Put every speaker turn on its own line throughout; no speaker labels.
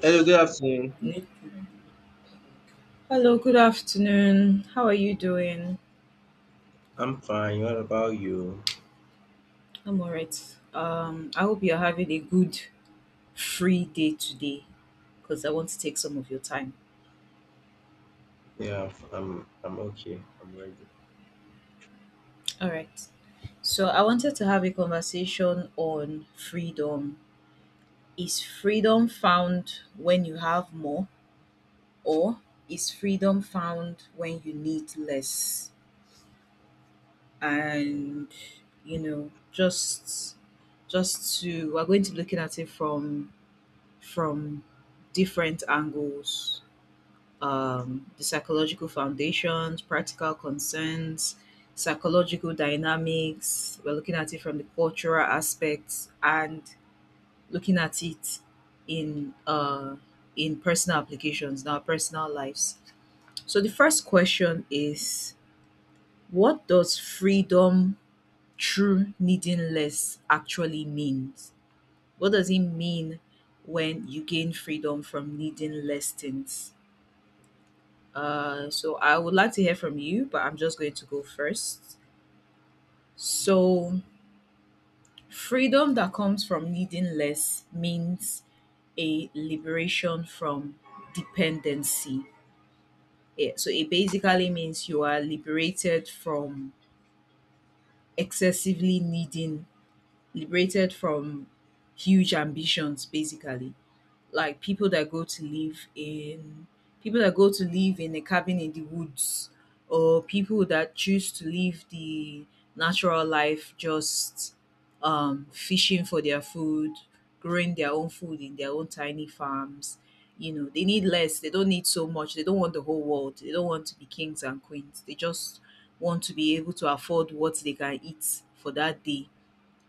Hello, good afternoon.
Nick. Hello, good afternoon. How are you doing?
I'm fine. What about you?
I'm all right. I hope you're having a good free day today because I want to take some of your time.
Yeah, I'm okay. I'm ready.
All right. So, I wanted to have a conversation on freedom. Is freedom found when you have more, or is freedom found when you need less?
Um,
And, you know, just to We're going to be looking at it from different angles, the psychological foundations, practical concerns, psychological dynamics. We're looking at it from the cultural aspects and looking at it in uh, in personal applications, in our personal lives. So the first question is, what does freedom through needing less actually means? What does it mean when you gain freedom from needing less things? So I would like to hear from you, but I'm just going to go first. So, freedom that comes from needing less means a liberation from dependency. Yeah, so it basically means you are liberated from excessively needing, liberated from huge ambitions, basically. Like people that go to live in a cabin in the woods, or people that choose to live the natural life, just fishing for their food, growing their own food in their own tiny farms. You know, they need less. They don't need so much. They don't want the whole world. They don't want to be kings and queens. They just want to be able to afford what they can eat for that day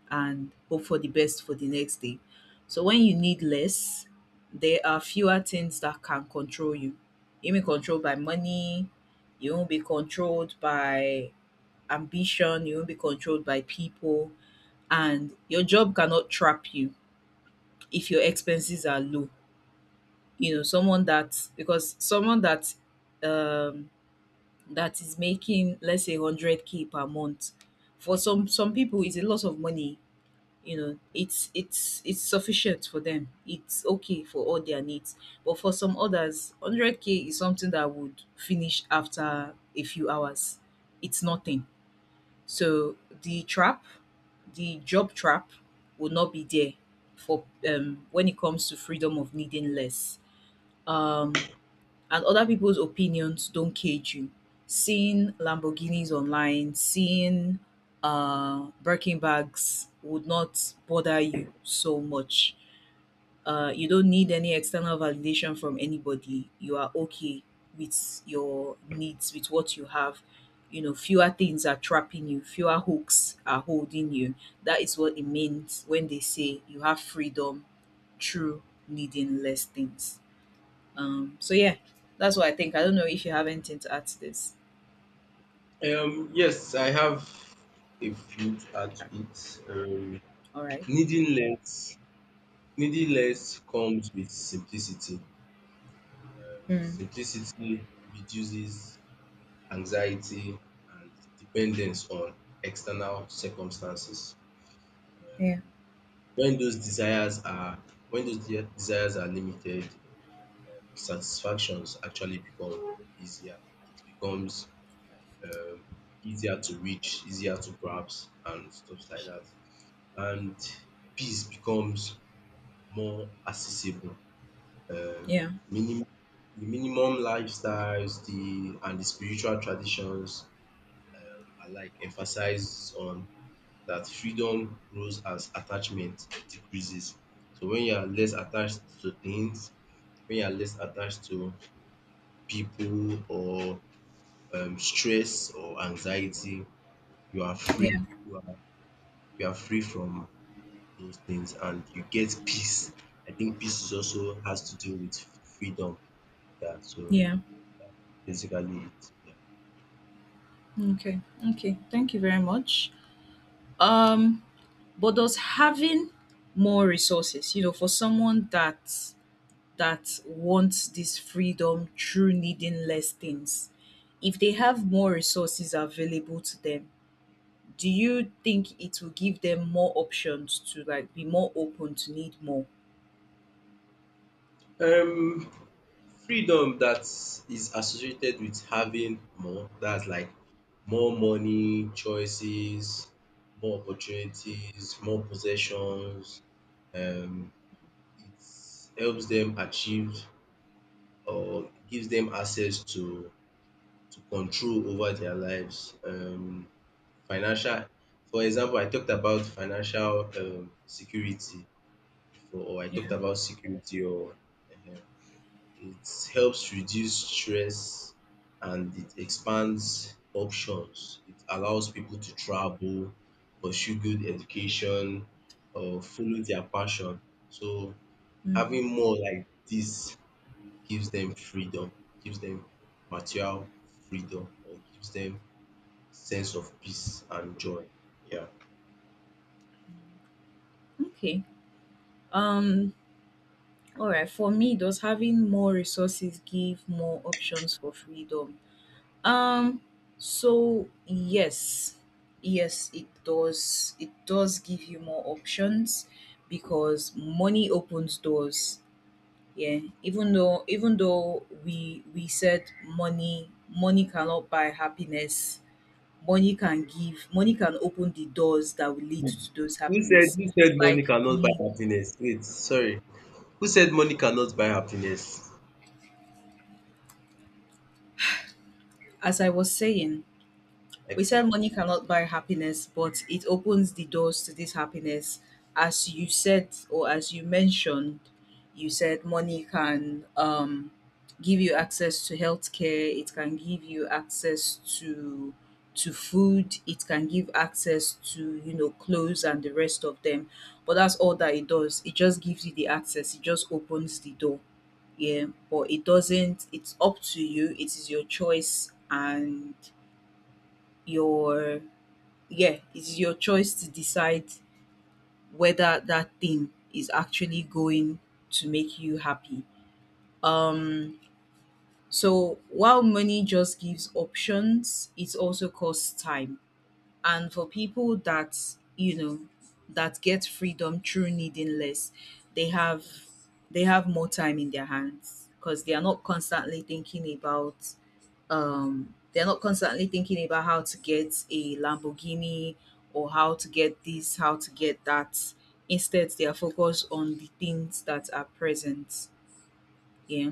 and hope for the best for the next day. So when you need less, there are fewer things that can control you. You may be controlled by money, you won't be controlled by ambition, you won't be controlled by people, and your job cannot trap you if your expenses are low. You know, someone that um that is making, let's say, 100k per month, for some people is a lot of money. You know, it's sufficient for them, it's okay for all their needs. But for some others, 100k is something that would finish after a few hours. It's nothing. So the trap, the job trap, will not be there for, when it comes to freedom of needing less. um and other people's opinions don't cage you. Seeing Lamborghinis online, seeing Birkin bags, would not bother you so much. You don't need any external validation from anybody. You are okay with your needs, with what you have. You know, fewer things are trapping you, fewer hooks are holding you. That is what it means when they say you have freedom through needing less things. So yeah, that's what I think. I don't know if you have anything to add to this.
yes, I have a few to add to it.
All right.
Needing less, needing
Mm.
less comes with simplicity.
Mm.
Simplicity reduces anxiety and dependence on external circumstances.
Yeah.
Um, when those desires are when those de- desires are limited, satisfactions actually become easier. It becomes um easier to reach, easier to grasp and stuff like that. And peace becomes more accessible. Um
Yeah.
minim the minimum lifestyles, the and the spiritual traditions alike emphasize on that freedom grows as attachment decreases. So when you are less attached to things, when you are less attached to people or stress or anxiety, you are free.
Yeah.
You are free from those things, and you get peace. I think peace is also has to do with freedom. Yeah. So
Yeah.
basically, it. Yeah.
Okay. Okay. Thank you very much. Um, but does having more resources, you know, for someone that wants this freedom through needing less things, if they have more resources available to them, do you think it will give them more options to, like, be more open to need more?
Um, freedom that is associated with having more. That's like more money, choices, more opportunities, more possessions. Um, it helps them achieve or gives them access to control over their lives. Financial, for example, I talked about financial security before, or I
Yeah.
talked about security, or um, it helps reduce stress and it expands options. It allows people to travel, pursue good education, or follow their passion. So
Mm.
having more like this gives them freedom, gives them material freedom, or gives them sense of peace and joy. Yeah.
Okay. Um, all right, for me, does having more resources give more options for freedom? Um, so yes, yes, it does. It does give you more options because money opens doors. Yeah, even though we said money cannot buy happiness, money can open the doors that will lead to those
Who said
happiness.
who said money
Like
cannot buy
the,
happiness? Wait, sorry. Who said money cannot buy happiness?
as I was saying, we
Okay.
said money cannot buy happiness, but it opens the doors to this happiness. As you said, or as you mentioned, you said money can, give you access to healthcare. It can give you access to food. It can give access to, you know, clothes and the rest of them. But that's all that it does. It just gives you the access. It just opens the door, yeah, but it doesn't, it's up to you, it is your choice, and your, yeah, it's your choice to decide whether that thing is actually going to make you happy. Um, so while money just gives options, it also costs time. And for people that, you know, that get freedom through needing less, they have, they have more time in their hands because they are not constantly thinking about, they're not constantly thinking about how to get a Lamborghini, or how to get this, how to get that. Instead, they are focused on the things that are present. Yeah.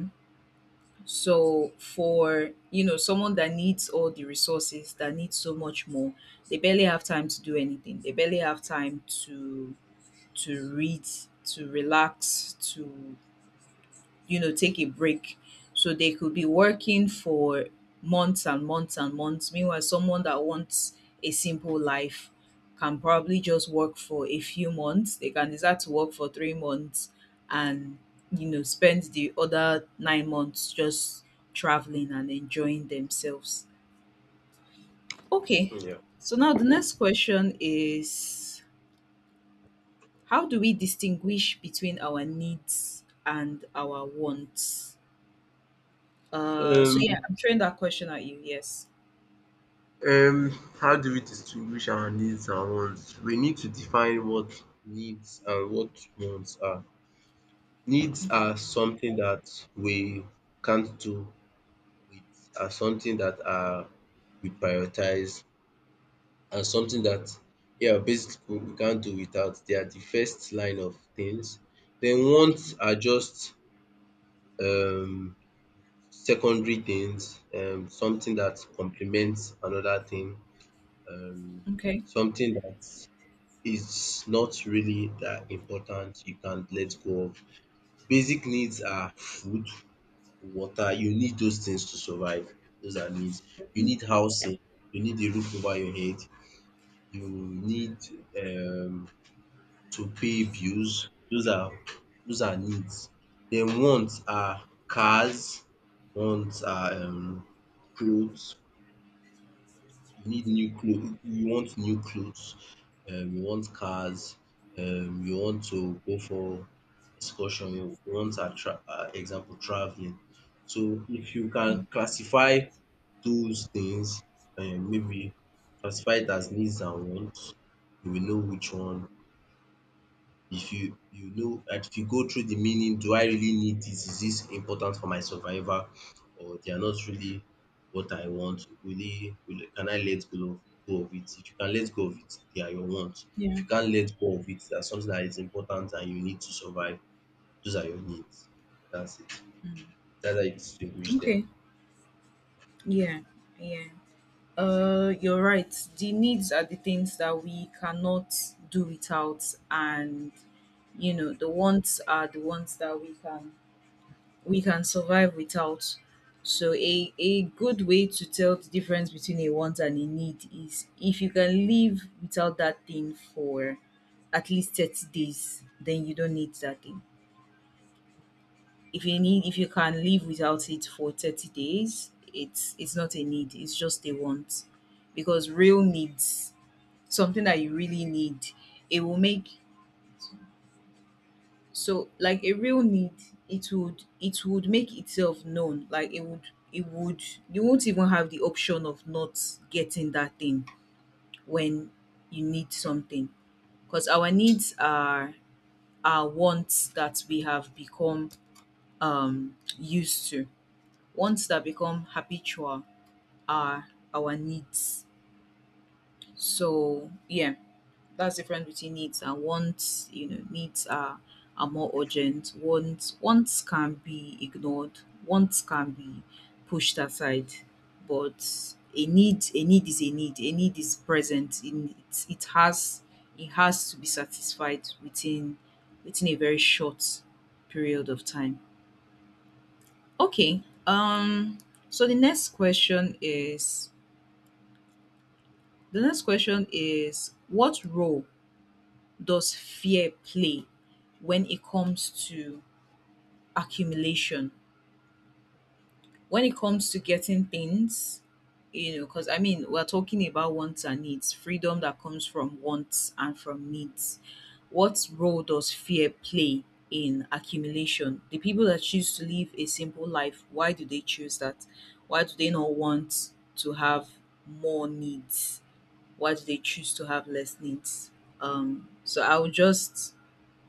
So for, you know, someone that needs all the resources, that needs so much more, they barely have time to do anything. They barely have time to read, to relax, to, you know, take a break. So they could be working for months and months and months. Meanwhile, someone that wants a simple life can probably just work for a few months. They can decide to work for 3 months and, you know, spend the other 9 months just traveling and enjoying themselves. Okay.
Yeah.
So now the next question is, how do we distinguish between our needs and our wants? So
Um
yeah, I'm throwing that question at you. Yes.
um how do we distinguish our needs and wants? We need to define what needs and what wants are. Needs
Okay.
are something that we can't do with, are something that are we prioritize and something that yeah basically we can't do without. They are the first line of things. Then wants are just um secondary things, something that complements another thing, um
Okay.
something that is not really that important you can let go of. Basic needs are food, water, you need those things to survive. Those are needs. You
Mm.
need Yeah. housing, you need a roof over your head, you need um to pay bills. Those are needs. Then wants are cars, wants are clothes. You need new clothes, you want new clothes, you want cars, you want to go for excursion, you want attra example travelling. So if you can classify those things maybe classify it as needs and wants, you will know which one if you you know and if you go through the meaning, do I really need this? Is this important for my survival? Or they are not really what I want? Really, will, can I go of it? If you can let go of it, they are your wants. If
Yeah.
you can't let go of it, that's something that is important and you need to survive. Those are your needs. That's it.
Mm.
That's how you distinguish them.
Okay. Yeah. Yeah. You're right. The needs are the things that we cannot do without, and you know the wants are the ones that we can survive without. So a good way to tell the difference between a want and a need is if you can live without that thing for at least 30 days, then you don't need that thing. If you need, if you can live without it for 30 days, it's not a need, it's just a want. Because real needs, something that you really need, it will make, so like a real need, it would make itself known. Like it would you won't even have the option of not getting that thing when you need something. Because our needs are wants that we have become used to. Ones that become habitual are our needs. So yeah, that's different between needs and wants. You know, needs are more urgent. Wants can be ignored. Wants can be pushed aside, but a need is a need. A need is present. In it, it has to be satisfied within within a very short period of time. Okay. So the next question is, the next question is, what role does fear play when it comes to accumulation? When it comes to getting things, you know, because I mean, we're talking about wants and needs, freedom that comes from wants and from needs. What role does fear play in accumulation? The people that choose to live a simple life, why do they choose that? Why do they not want to have more needs? Why do they choose to have less needs? Um, so I would just,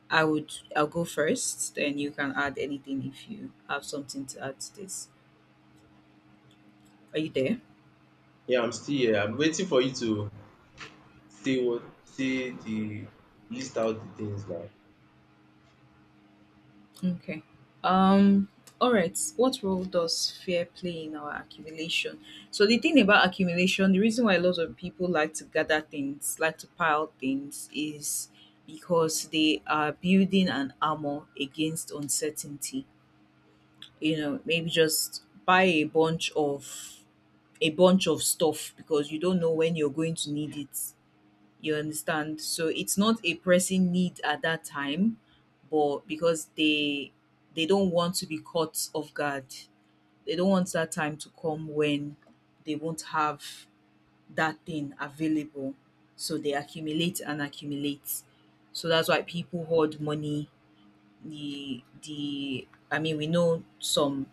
I would, I'll go first, then you can add anything if you have something to add to this. Are you there?
Yeah, I'm still here. I'm waiting for you to say the list out the things now.
Okay. Um. All right. What role does fear play in our accumulation? So the thing about accumulation, the reason why a lot of people like to gather things, like to pile things, is because they are building an armor against uncertainty. You know, maybe just buy a bunch of stuff because you don't know when you're going to need it. You understand? So it's not a pressing need at that time, but because they don't want to be caught off guard. They don't want that time to come when they won't have that thing available. So they accumulate and accumulate. So that's why people hoard money. The I mean, we know some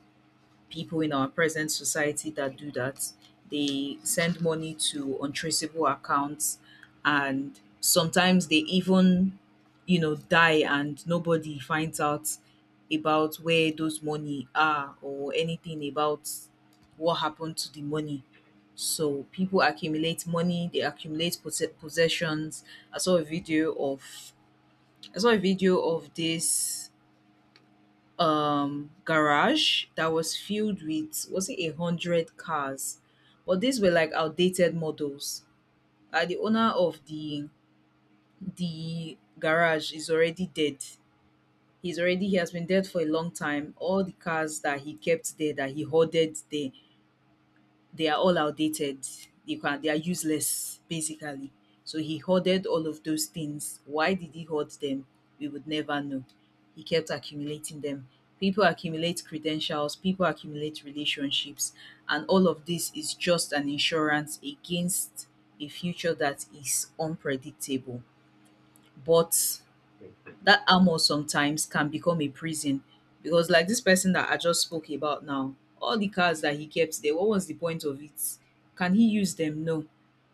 people in our present society that do that. They send money to untraceable accounts, and sometimes they even, you know, die and nobody finds out about where those money are or anything about what happened to the money. So people accumulate money, they accumulate possessions. I saw a video of I saw a video of this garage that was filled with, was it 100 cars, but these were like outdated models. The owner of the garage is already dead. He's already he has been dead for a long time. All the cars that he kept there, that he hoarded there, they are all outdated. They are useless, basically. So he hoarded all of those things. Why did he hoard them? We would never know. He kept accumulating them. People accumulate credentials, people accumulate relationships, and all of this is just an insurance against a future that is unpredictable. But that armor sometimes can become a prison, because like this person that I just spoke about now, all the cars that he kept there, what was the point of it? Can he use them? No.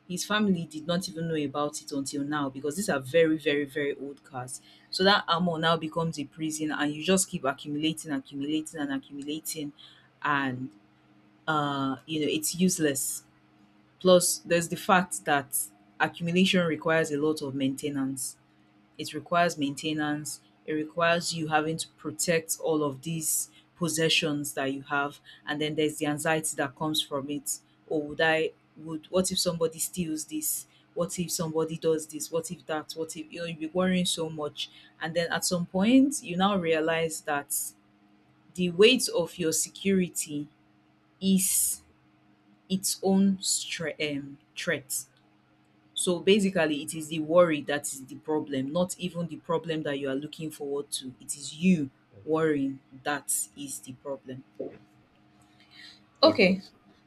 His family did not even know about it until now because these are very, very, very old cars. So that armor now becomes a prison and you just keep accumulating, accumulating and accumulating and it's useless. Plus there's the fact that accumulation requires a lot of maintenance, it requires maintenance, it requires you having to protect all of these possessions that you have, and then there's the anxiety that comes from it. Oh, would I would what if somebody steals this? What if somebody does this? What if that? What if you'll be worrying so much? And then at some point you now realize that the weight of your security is its own threat. So basically, it is the worry that is the problem, not even the problem that you are looking forward to. It is you worrying that is the problem. Okay.
Okay.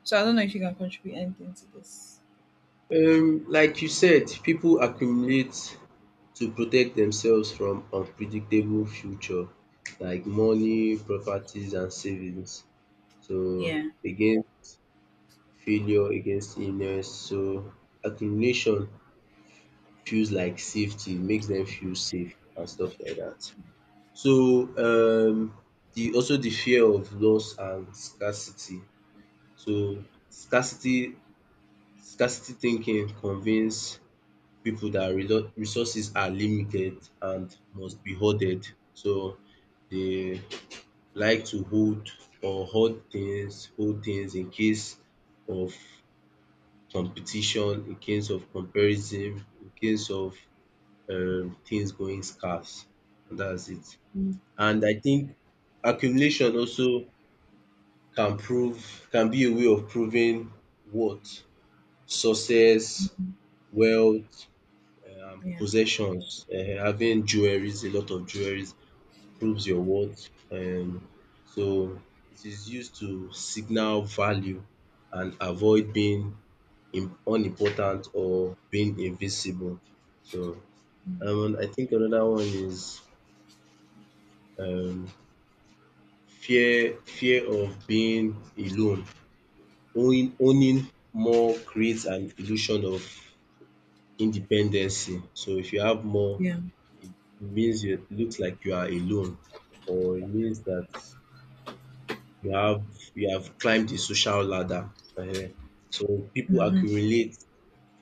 So I don't know if you can contribute anything to this.
Like you said, people accumulate to protect themselves from unpredictable future like money, properties and savings. So
Yeah.
again, failure against illness. So accumulation feels like safety, makes them feel safe and stuff like that. So the also the fear of loss and scarcity. So scarcity scarcity thinking convince people that resources are limited and must be hoarded. So they like to hold or hoard things, hold things in case of competition, in case of comparison, in case of things going scarce. And that's it.
Mm.
And I think accumulation also can be a way of proving what success, wealth,
Yeah.
possessions, having jewelries, a lot of jewelries proves your worth. So it is used to signal value and avoid being im unimportant or being invisible. So
Mm.
I think another one is um fear of being alone. Owning more creates an illusion of independency. So if you have more
Yeah.
it means you it looks like you are alone or it means that you have you have climbed the social ladder. So people
Hmm.
accumulate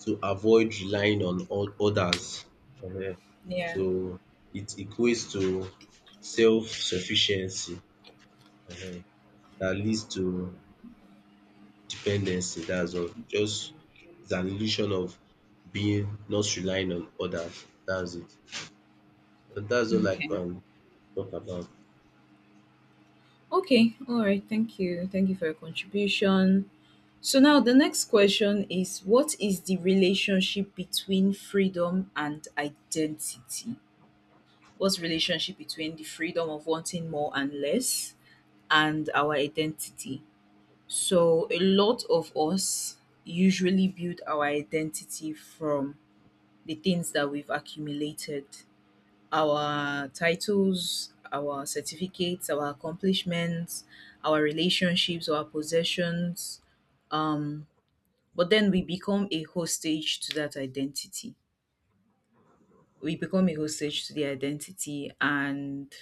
to avoid relying on others. um
Yeah.
So it equates to self-sufficiency um that leads to dependency. That's all. Just it's an illusion of being not relying on others. That's it. That's all I
Okay.
can talk about.
Okay. All right. Thank you. Thank you for your contribution. So now the next question is, what is the relationship between freedom and identity? What's relationship between the freedom of wanting more and less and our identity? So a lot of us usually build our identity from the things that we've accumulated, our titles, our certificates, our accomplishments, our relationships, our possessions, um, but then we become a hostage to that identity. We become a hostage to the identity, and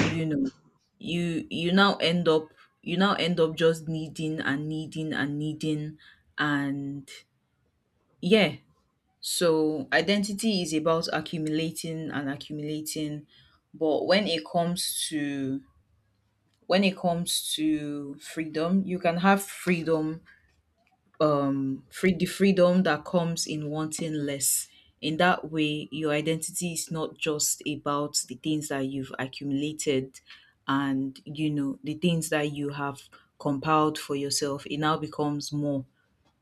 you know you now end up, you now end up just needing and needing and needing, and yeah, so identity is about accumulating and accumulating. But when it comes to, when it comes to freedom, you can have freedom, free the freedom that comes in wanting less. In that way, your identity is not just about the things that you've accumulated and the things that you have compiled for yourself. It now becomes more.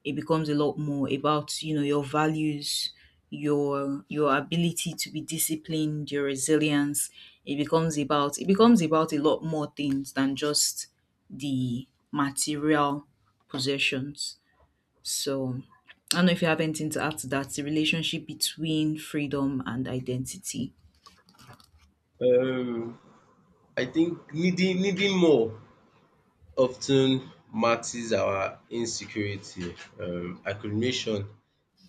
It becomes a lot more about your values, your ability to be disciplined, your resilience. It becomes about a lot more things than just the material possessions. So I don't know if you have anything to add to that, the relationship between freedom and identity.
Um I think needing more often matches our insecurity. Accumulation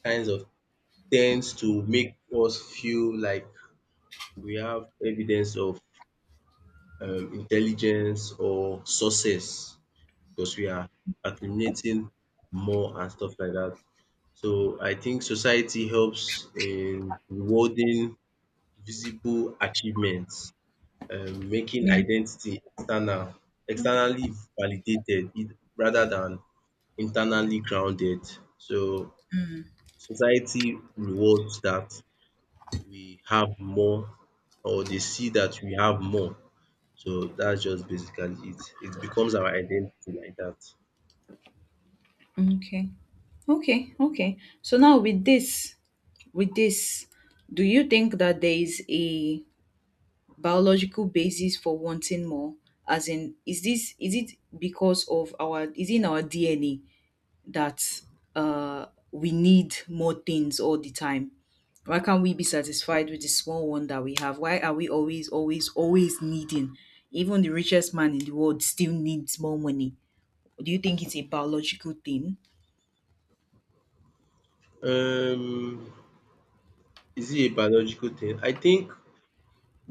kinds of tends to make us feel like we have evidence of intelligence or success because we are accumulating more and stuff like that. So I think society helps in rewarding visible achievements, making
Yeah.
identity external, externally validated it, rather than internally grounded. So society rewards that we have more, or they see that we have more. So that's just basically it. It becomes our identity like that.
Okay. Okay. Okay. So now with this, do you think that there is a biological basis for wanting more? As in, is it because of our, is it in our DNA that uh, we need more things all the time? Why can't we be satisfied with the small one that we have? Why are we always, always, always needing? Even the richest man in the world still needs more money. Do you think it's a biological thing?
Um, is it a biological thing? I think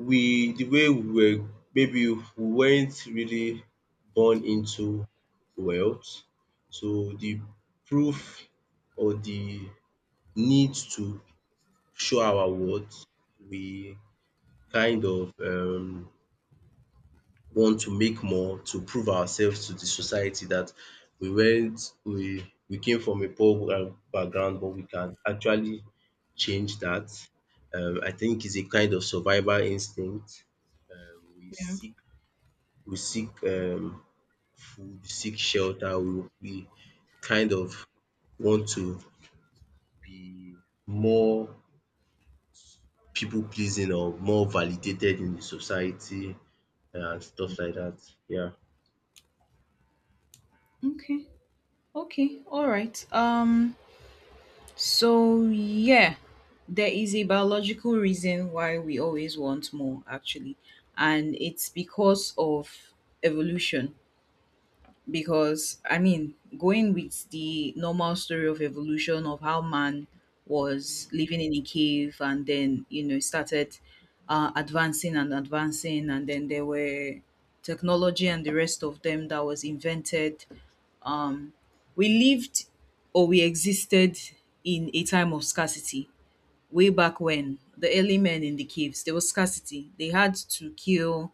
we the way we were maybe we weren't really born into wealth. So the proof or the need to show our worth, we kind of want to make more to prove ourselves to the society that we weren't we came from a poor background but we can actually change that. I think it's a kind of survival instinct. um We seek we seek food, we seek shelter, we kind of want to be more people pleasing or more validated in the society, and stuff like that. Yeah.
Okay. Okay. All right. So yeah, there is a biological reason why we always want more actually, and it's because of evolution. Because I mean, going with the normal story of evolution of how man was living in a cave and then started advancing and advancing, and then there were technology and the rest of them that was invented. Um, we lived, or we existed in a time of scarcity. Way back when the early men in the caves, there was scarcity. They had to kill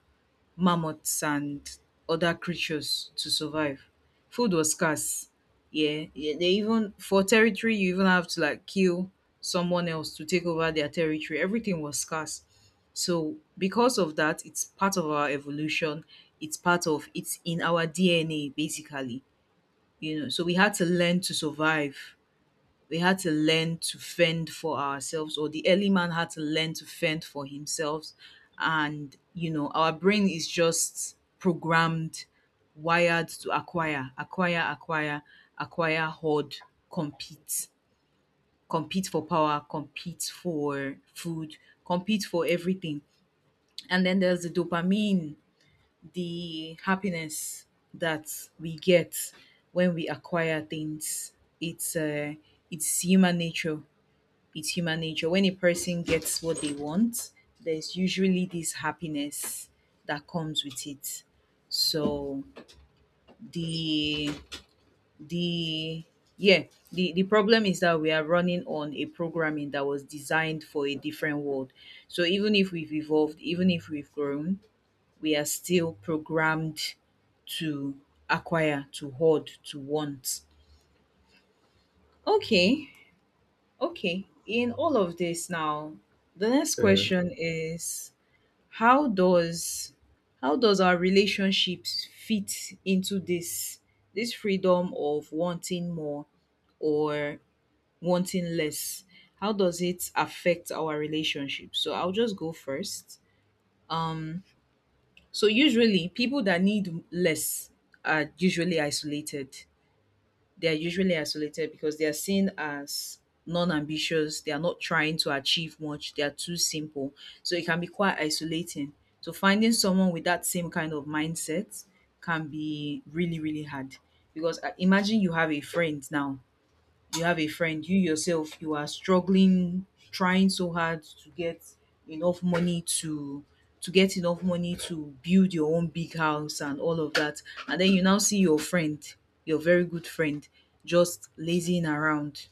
mammoths and other creatures to survive. Food was scarce. Yeah, yeah, they even for territory, you even have to like kill someone else to take over their territory. Everything was scarce. So because of that, it's part of our evolution. It's part of it's in our DNA basically. You know, so we had to learn to survive, we had to learn to fend for ourselves, or the early man had to learn to fend for himself. And, you know, our brain is just programmed, wired to acquire, acquire, acquire, acquire, hoard, compete, compete for power, compete for food, compete for everything. And then there's the dopamine, the happiness that we get when we acquire things. It's uh, it's human nature, it's human nature. When a person gets what they want, there's usually this happiness that comes with it. So the the yeah, the problem is that we are running on a programming that was designed for a different world. So even if we've evolved, even if we've grown, we are still programmed to acquire, to hoard, to want. Okay, okay. In all of this now, the next
um
question is, how does, how does our relationships fit into this, this freedom of wanting more or wanting less? How does it affect our relationships? So I'll just go first. Um so usually people that need less are usually isolated. They are usually isolated because they are seen as non-ambitious. They are not trying to achieve much. They are too simple. So it can be quite isolating. So finding someone with that same kind of mindset can be really, really hard. Because imagine you have a friend now, you have a friend, you yourself, you are struggling trying so hard to get enough money to get enough money to build your own big house and all of that, and then you now see your friend, your very good friend, just lazing around,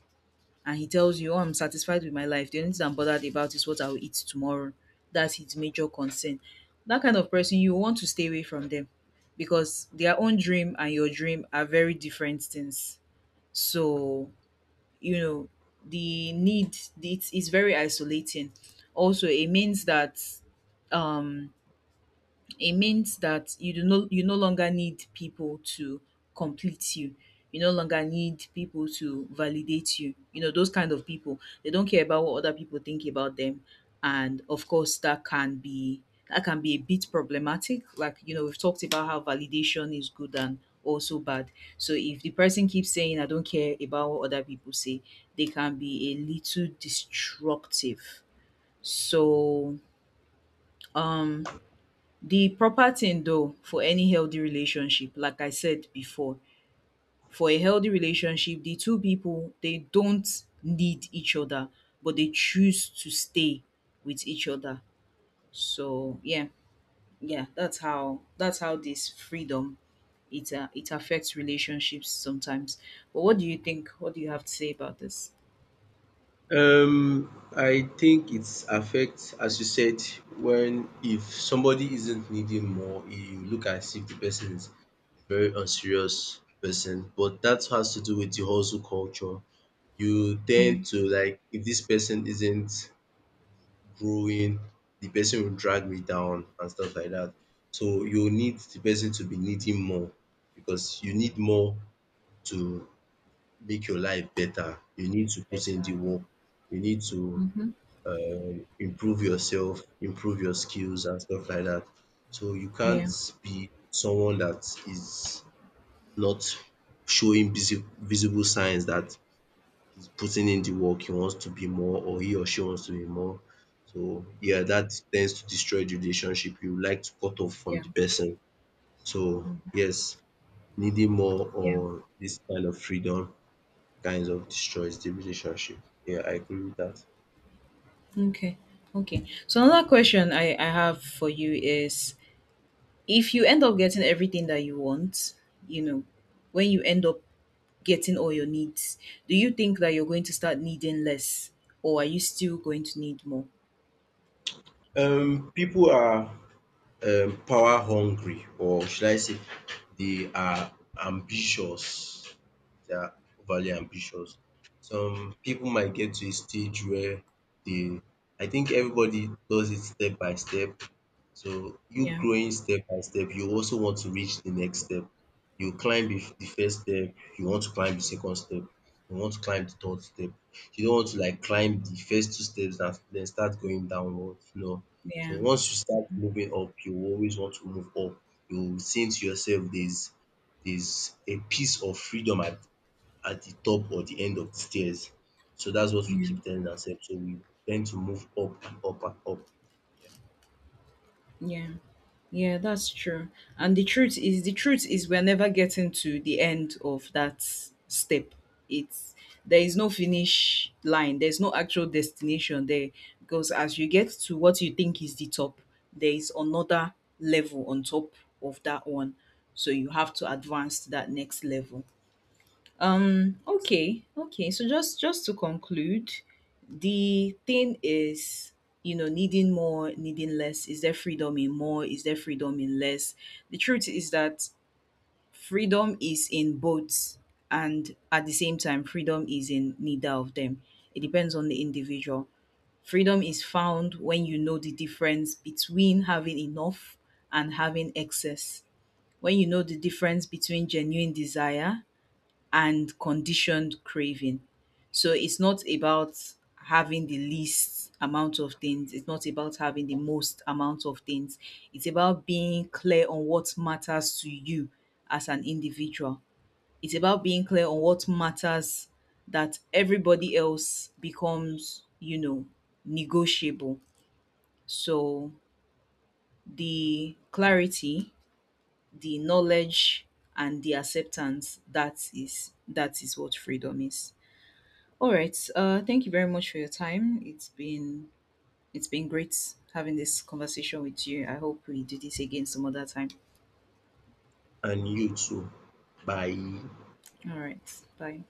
and he tells you, oh, I'm satisfied with my life, the only thing I'm bothered about is what I'll eat tomorrow, that's his major concern. That kind of person, you want to stay away from them, because their own dream and your dream are very different things. So, you know, the need, it is very isolating. Also, it means that, um, it means that you no longer need people to complete you. You no longer need people to validate you. You know, those kind of people. They don't care about what other people think about them. And of course that can be, that can be a bit problematic. Like, you know, we've talked about how validation is good and also bad. So if the person keeps saying I don't care about what other people say, they can be a little destructive. So, um, the proper thing though for any healthy relationship, like I said before, for a healthy relationship, the two people, they don't need each other, but they choose to stay with each other. So yeah, yeah, that's how, that's how this freedom, it it affects relationships sometimes. But what do you think? What do you have to say about this?
I think it's affects as you said when if somebody isn't needing more you look as if the person is a very unserious person but that has to do with the hustle culture. You
Yeah,
tend to like if this person isn't growing the person will drag me down and stuff like that. So you need the person to be needing more because you need more to make your life better. You need to put in the
better.
work. You need to
Mm-hmm.
improve yourself, improve your skills and stuff like that. So you
Yeah,
can't be someone that is not showing visible signs that he's putting in the work he wants to be more or he or she wants to be more. So yeah, that tends to destroy the relationship. You like to cut off from
yeah,
the person. So yes, needing more
yeah.
or this kind of freedom kinds of destroys the relationship. Yeah, I agree with that.
Okay, okay. So another question I have for you is, if you end up getting everything that you want, you know, when you end up getting all your needs, do you think that you're going to start needing less, or are you still going to need more?
People are power hungry or should I say they are ambitious, they are overly ambitious. Some people might get to a stage where they I think everybody does it step by step. So you
Yeah,
growing step by step, you also want to reach the next step. You climb the first step, you want to climb the second step, you want to climb the third step. You don't want to like climb the first two steps and then start going downwards, no.
yeah,
So once you start moving up, you will always want to move up. You will think to yourself there's a piece of freedom at the top or the end of the stairs. So that's what we
yeah.
keep telling ourselves. So we tend to move up and up and up. Yeah.
Yeah. Yeah, that's true. And the truth is, the truth is, we're never getting to the end of that step. It's, there is no finish line. There's no actual destination there, because as you get to what you think is the top, there is another level on top of that one. So you have to advance to that next level. Okay, okay. So just to conclude, the thing is, you know, needing more, needing less. Is there freedom in more? Is there freedom in less? The truth is that freedom is in both, and at the same time, freedom is in neither of them. It depends on the individual. Freedom is found when you know the difference between having enough and having excess. When you know the difference between genuine desire and conditioned craving. So it's not about having the least amount of things, it's not about having the most amount of things. It's about being clear on what matters to you as an individual. It's about being clear on what matters, that everybody else becomes, you know, negotiable. So the clarity, the knowledge and the acceptance, that is, that is what freedom is. All right. Thank you very much for your time. It's been, it's been great having this conversation with you. I hope we do this again some other time.
And you too. Bye.
All right. Bye.